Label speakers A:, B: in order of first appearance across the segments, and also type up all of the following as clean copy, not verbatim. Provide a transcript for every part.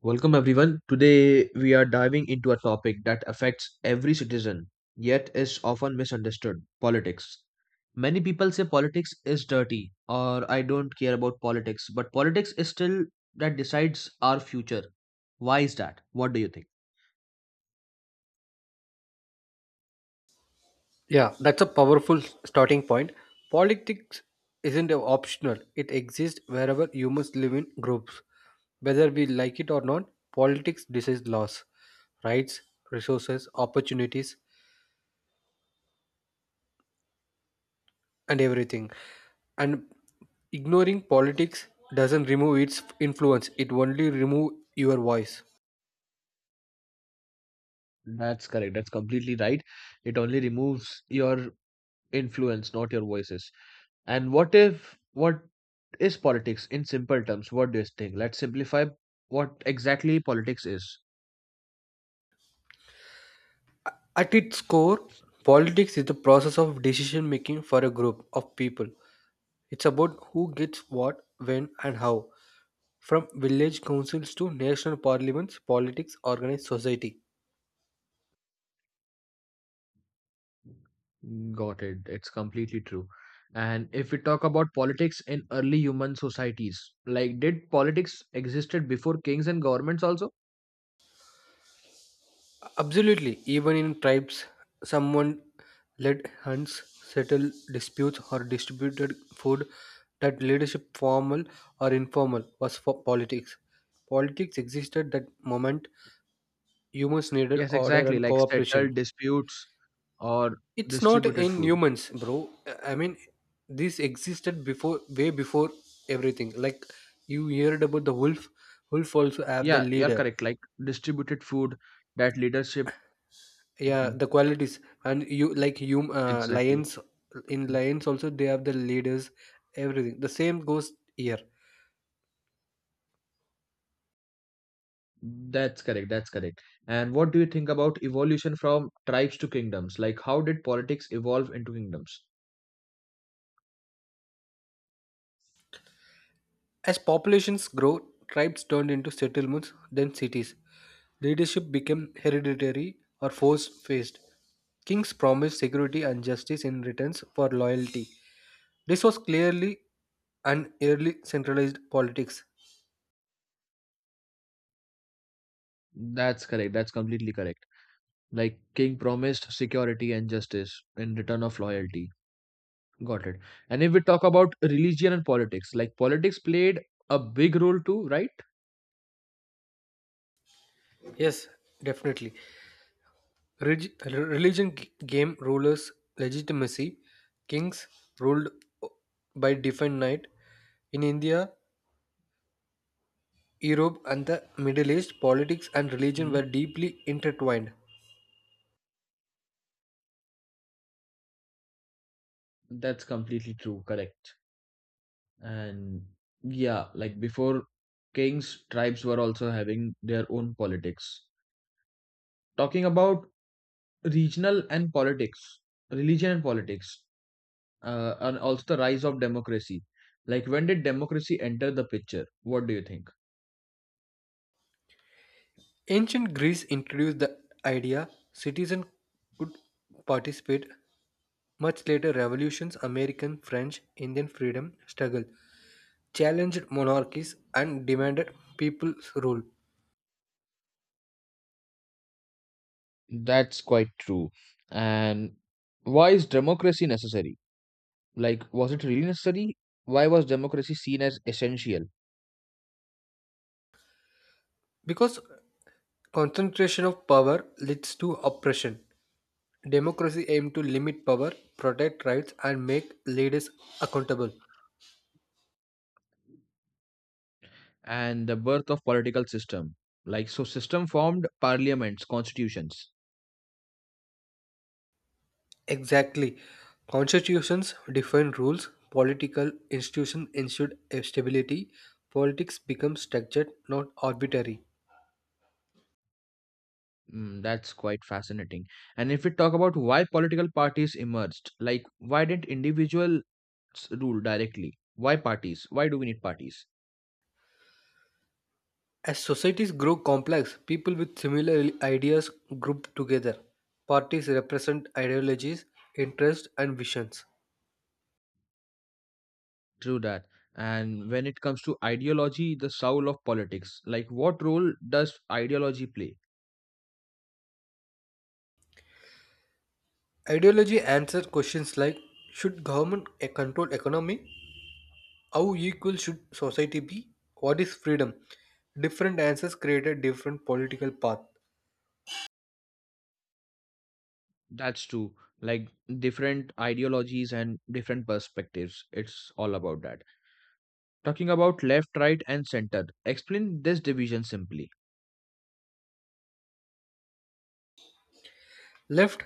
A: Welcome everyone. Today we are diving into a topic that affects every citizen yet is often misunderstood, politics. Many people say politics is dirty or I don't care about politics, but politics is still that decides our future. Why is that? What do you think?
B: Yeah, that's a powerful starting point. Politics isn't optional, it exists wherever humans live in groups. Whether we like it or not, politics decides laws, rights, resources, opportunities, and everything. And ignoring politics doesn't remove its influence, it only removes your voice.
A: That's correct. That's completely right. It only removes your influence, not your voices. And what if, what is politics in simple terms? What do you think? Let's simplify what exactly politics is.
B: At its core, politics is the process of decision making for a group of people. It's about who gets what, when, and how. From village councils to national parliaments, politics organized society.
A: Got it. It's completely true. And if we talk about politics in early human societies, like did politics existed before kings and governments also?
B: Absolutely, even in tribes, someone led hunts, settled disputes, or distributed food. That leadership, formal or informal, was for politics. Politics existed that moment humans needed
A: Yes,
B: order
A: exactly.
B: and
A: Like
B: cooperation.
A: settled disputes or
B: It's not
A: distributed
B: in
A: food.
B: humans, bro. I mean, this existed before, way before everything. Like you heard about the wolf. Wolf also have the
A: Yeah, you're
B: leader.
A: correct. Like distributed food, that leadership.
B: Yeah,
A: Mhm.
B: the qualities and you like you
A: Exactly.
B: lions, in lions also they have the leaders, everything the same goes here.
A: That's correct. That's correct. And what do you think about evolution from tribes to kingdoms? Like how did politics evolve into kingdoms?
B: As populations grow, tribes turned into settlements then cities. Leadership became hereditary or force faced. Kings promised security and justice in returns for loyalty. This was clearly an early centralized politics.
A: That's correct. That's completely correct. Like king promised security and justice in return of loyalty. Got it. And if we talk about religion and politics, like politics played a big role too, right?
B: Yes, definitely. Religion gave rulers legitimacy. Kings ruled by divine right. In India, Europe, and the Middle East, politics and religion were
A: Mhm.
B: deeply intertwined.
A: That's completely true, correct. And yeah, like before kings, tribes were also having their own politics. Talking about regional and politics, religion and politics, and also the rise of democracy. Like when did democracy enter the picture? What do you think?
B: Ancient Greece introduced the idea citizens could participate. Much later revolutions, American, French, Indian freedom struggle challenged monarchies and demanded people's rule.
A: That's quite true. And why is democracy necessary? Like, was it really necessary? Why was democracy seen as essential?
B: Because concentration of power leads to oppression. Democracy aims to limit power, protect rights, and make leaders accountable.
A: And the birth of political system. Like, so system formed parliaments, constitutions.
B: Exactly. Constitutions define rules, political institutions ensure stability, politics becomes structured, not arbitrary.
A: Mm, that's quite fascinating. And if we talk about why political parties emerged, like, why didn't individuals rule directly? Why parties? Why do we need parties?
B: As societies grow complex, people with similar ideas group together. Parties represent ideologies, interests, and visions.
A: True that. And when it comes to ideology, the soul of politics, like, what role does ideology play?
B: Ideology answers questions like, should government control economy? How equal should society be? What is freedom? Different answers created different political path.
A: That's true. Like different ideologies and different perspectives. It's all about that. Talking about left, right, and center. Explain this division simply.
B: Left,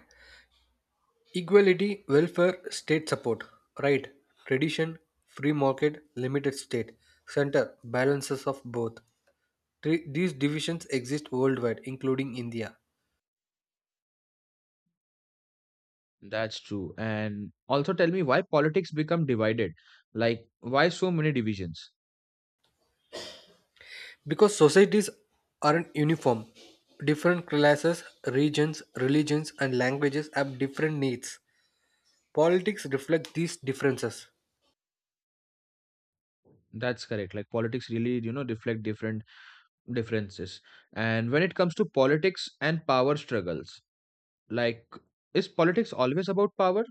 B: equality, welfare, state support. Right, tradition, free market, limited state. Center, balances of both. Three, these divisions exist worldwide, including India.
A: That's true. And also tell me why politics become divided. Like why so many divisions?
B: Because societies aren't uniform, different classes, regions, religions, and languages have different needs. Politics reflect these differences.
A: That's correct. Like politics really, reflect different differences. And when it comes to politics and power struggles, like is politics always about power?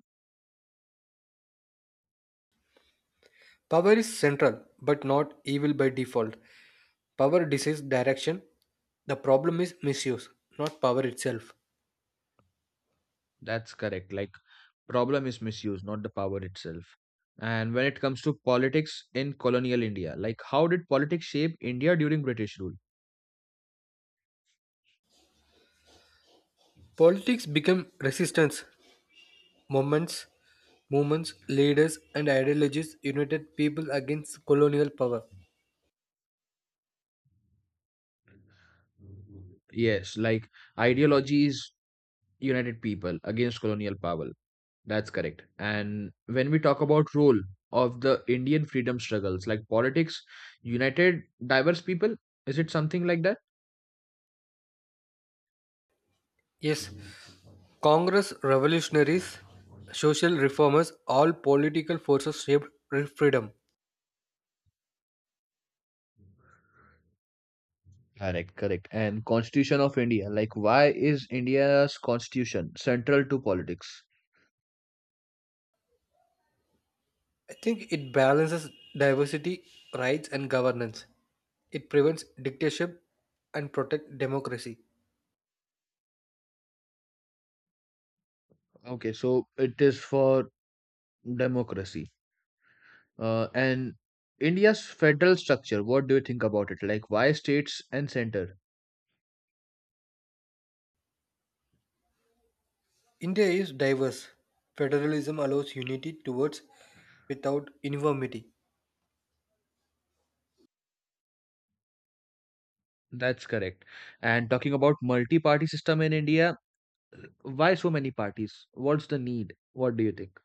B: Power is central, but not evil by default. Power decides direction. The problem is misuse, not power itself.
A: That's correct. Like problem is misuse, not the power itself. And when it comes to politics in colonial India, like how did politics shape India during British rule?
B: Politics became resistance. Movements, movements, leaders, and ideologies united people against colonial power.
A: Yes, like ideologies united people against colonial power. That's correct. And when we talk about role of the Indian freedom struggles, like politics united diverse people, is it something like that?
B: Yes, Congress, revolutionaries, social reformers, all political forces shaped freedom.
A: Correct, correct. And Constitution of India, like why is India's constitution central to politics?
B: I think it balances diversity, rights, and governance. It prevents dictatorship and protects democracy.
A: Okay, so it is for democracy. And India's federal structure, what do you think about it? Like, why states and center?
B: India is diverse. Federalism allows unity towards without uniformity.
A: That's correct. And talking about multi-party system in India, why so many parties? What's the need? What do you think?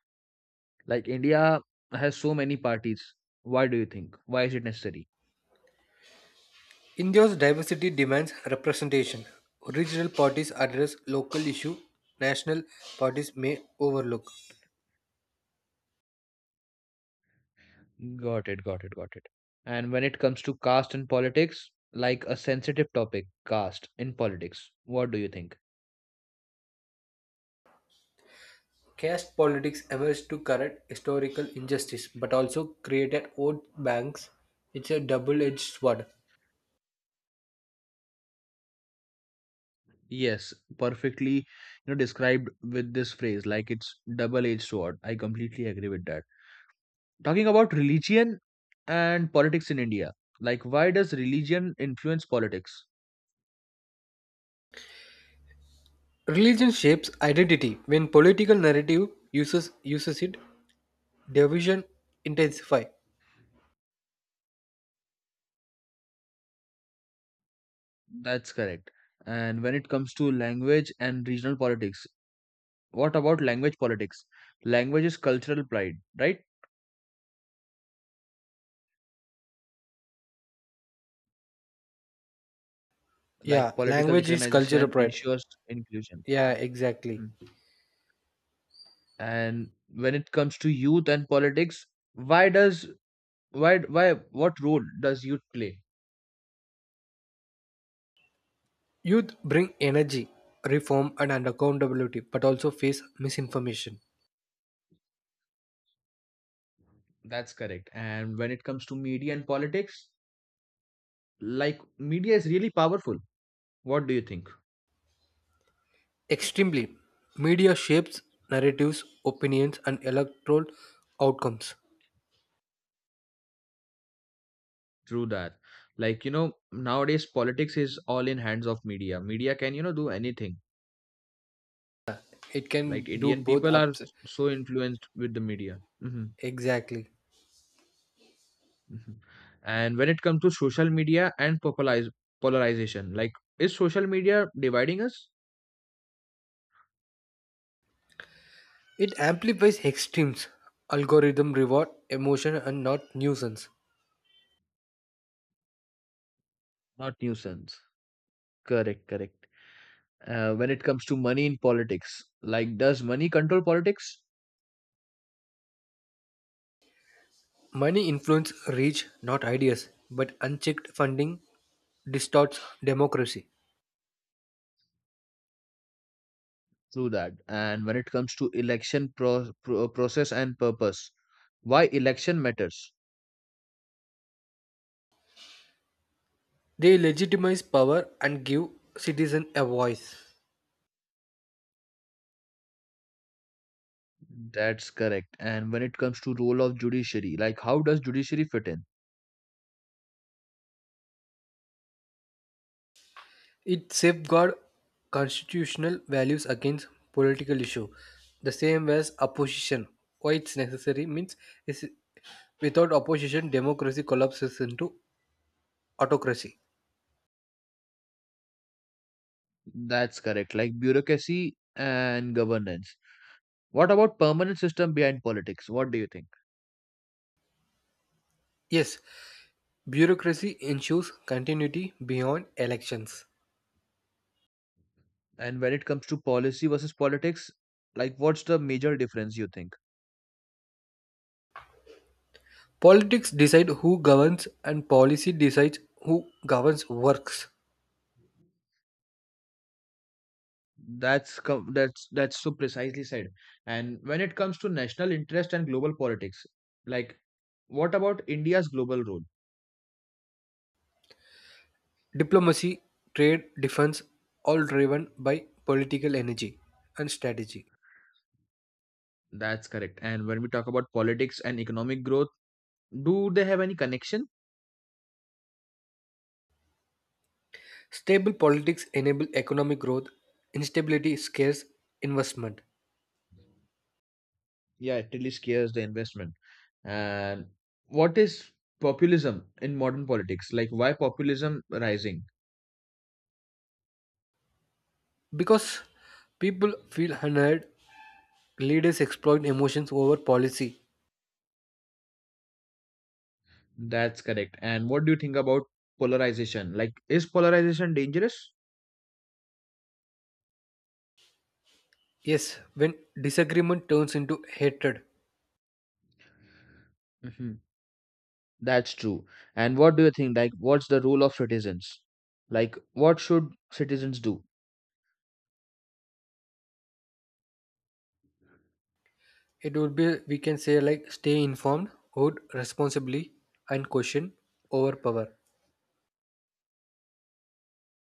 A: Like, India has so many parties. Why do you think? Why is it necessary?
B: India's diversity demands representation. Regional parties address local issue national parties may overlook.
A: Got it, got it, got it. And when it comes to caste in politics, like a sensitive topic, caste in politics, what do you think?
B: Caste politics emerged to correct historical injustice but also created vote banks. It's a double-edged sword.
A: Yes, perfectly, described with this phrase, like it's double-edged sword. I completely agree with that. Talking about religion and politics in India, like why does religion influence politics?
B: Religion shapes identity. When political narrative uses it, division intensify.
A: That's correct. And when it comes to language and regional politics, what about language politics? Language is cultural pride, right?
B: Yeah,
A: Like political
B: language is cultural
A: recognition
B: pride.
A: ensures inclusion.
B: Yeah, exactly.
A: Mm. And when it comes to youth and politics, why does, why what role does youth play?
B: Youth bring energy, reform, and an accountability, but also face misinformation.
A: That's correct. And when it comes to media and politics, like media is really powerful, what do you think?
B: Extremely, media shapes narratives, opinions, and electoral outcomes.
A: Through that, like nowadays politics is all in hands of media. Media can, do anything.
B: It can
A: Like
B: do
A: Indian
B: both
A: people are
B: ups.
A: so influenced with the media. Hmm.
B: Exactly.
A: Hmm. And when it comes to social media and popularize polarization, like is social media dividing us?
B: It amplifies extremes. Algorithm reward emotion and not nuisance.
A: Not nuisance. Correct, correct. When it comes to money in politics, like does money control politics?
B: Money influence reach, not ideas, but unchecked funding distorts democracy.
A: Through that. And when it comes to election process and purpose, why election matters?
B: They legitimize power and give citizen a voice.
A: That's correct. And when it comes to role of judiciary, like how does judiciary fit in?
B: It safeguards constitutional values against political issue, the same as opposition. Why it's necessary means is without opposition, democracy collapses into autocracy.
A: That's correct. Like bureaucracy and governance, what about permanent system behind politics? What do you think?
B: Yes, bureaucracy ensures continuity beyond elections.
A: And when it comes to policy versus politics, like what's the major difference you think?
B: Politics decide who governs and policy decides who governs works.
A: That's com- that's so precisely said. And when it comes to national interest and global politics, like what about India's global role?
B: Diplomacy, trade, defense all driven by political energy and strategy.
A: That's correct. And when we talk about politics and economic growth, do they have any connection?
B: Stable politics enable economic growth, instability scares investment.
A: Yeah, it really scares the investment. And what is populism in modern politics? Like why populism rising?
B: Because people feel unheard, leaders exploit emotions over policy.
A: That's correct. And what do you think about polarization? Like is polarization dangerous?
B: Yes, when disagreement turns into hatred.
A: Mhm. That's true. And what do you think? Like, what's the role of citizens? Like, what should citizens do?
B: It would be we can say like stay informed, vote responsibly, and question over power.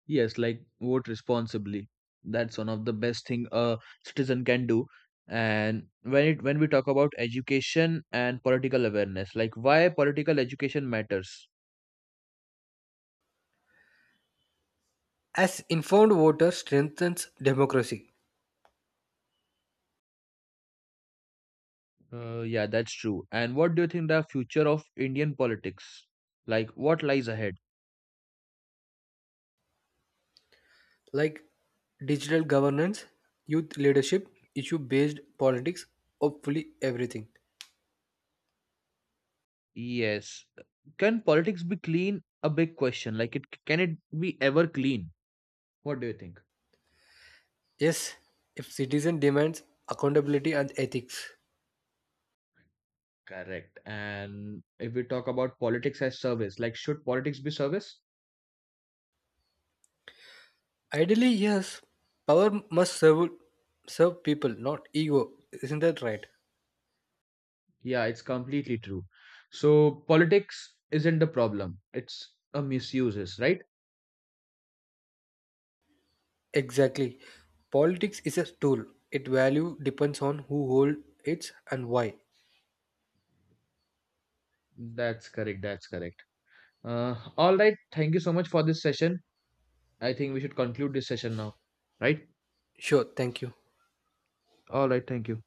A: Yes, like vote responsibly. That's one of the best thing a citizen can do. And when it when we talk about education and political awareness, like why political education matters.
B: As informed voters strengthens democracy,
A: Yeah, that's true. And what do you think the future of Indian politics? Like, what lies ahead?
B: like digital governance, youth leadership, issue based politics, hopefully everything.
A: Yes. Can politics be clean? A big question. Like, it be ever clean? What do you think?
B: Yes, if citizen demands accountability and ethics.
A: Correct. And if we talk about politics as service, like should politics be service?
B: Ideally, yes, power must serve people, not ego. Isn't that right?
A: Yeah, it's completely true. So politics isn't the problem. It's a misuses, right?
B: Exactly. Politics is a tool. Its value depends on who holds it and why.
A: That's correct. That's correct. All right. Thank you so much for this session. I think we should conclude this session now, right?
B: Sure, thank you.
A: All right. Thank you.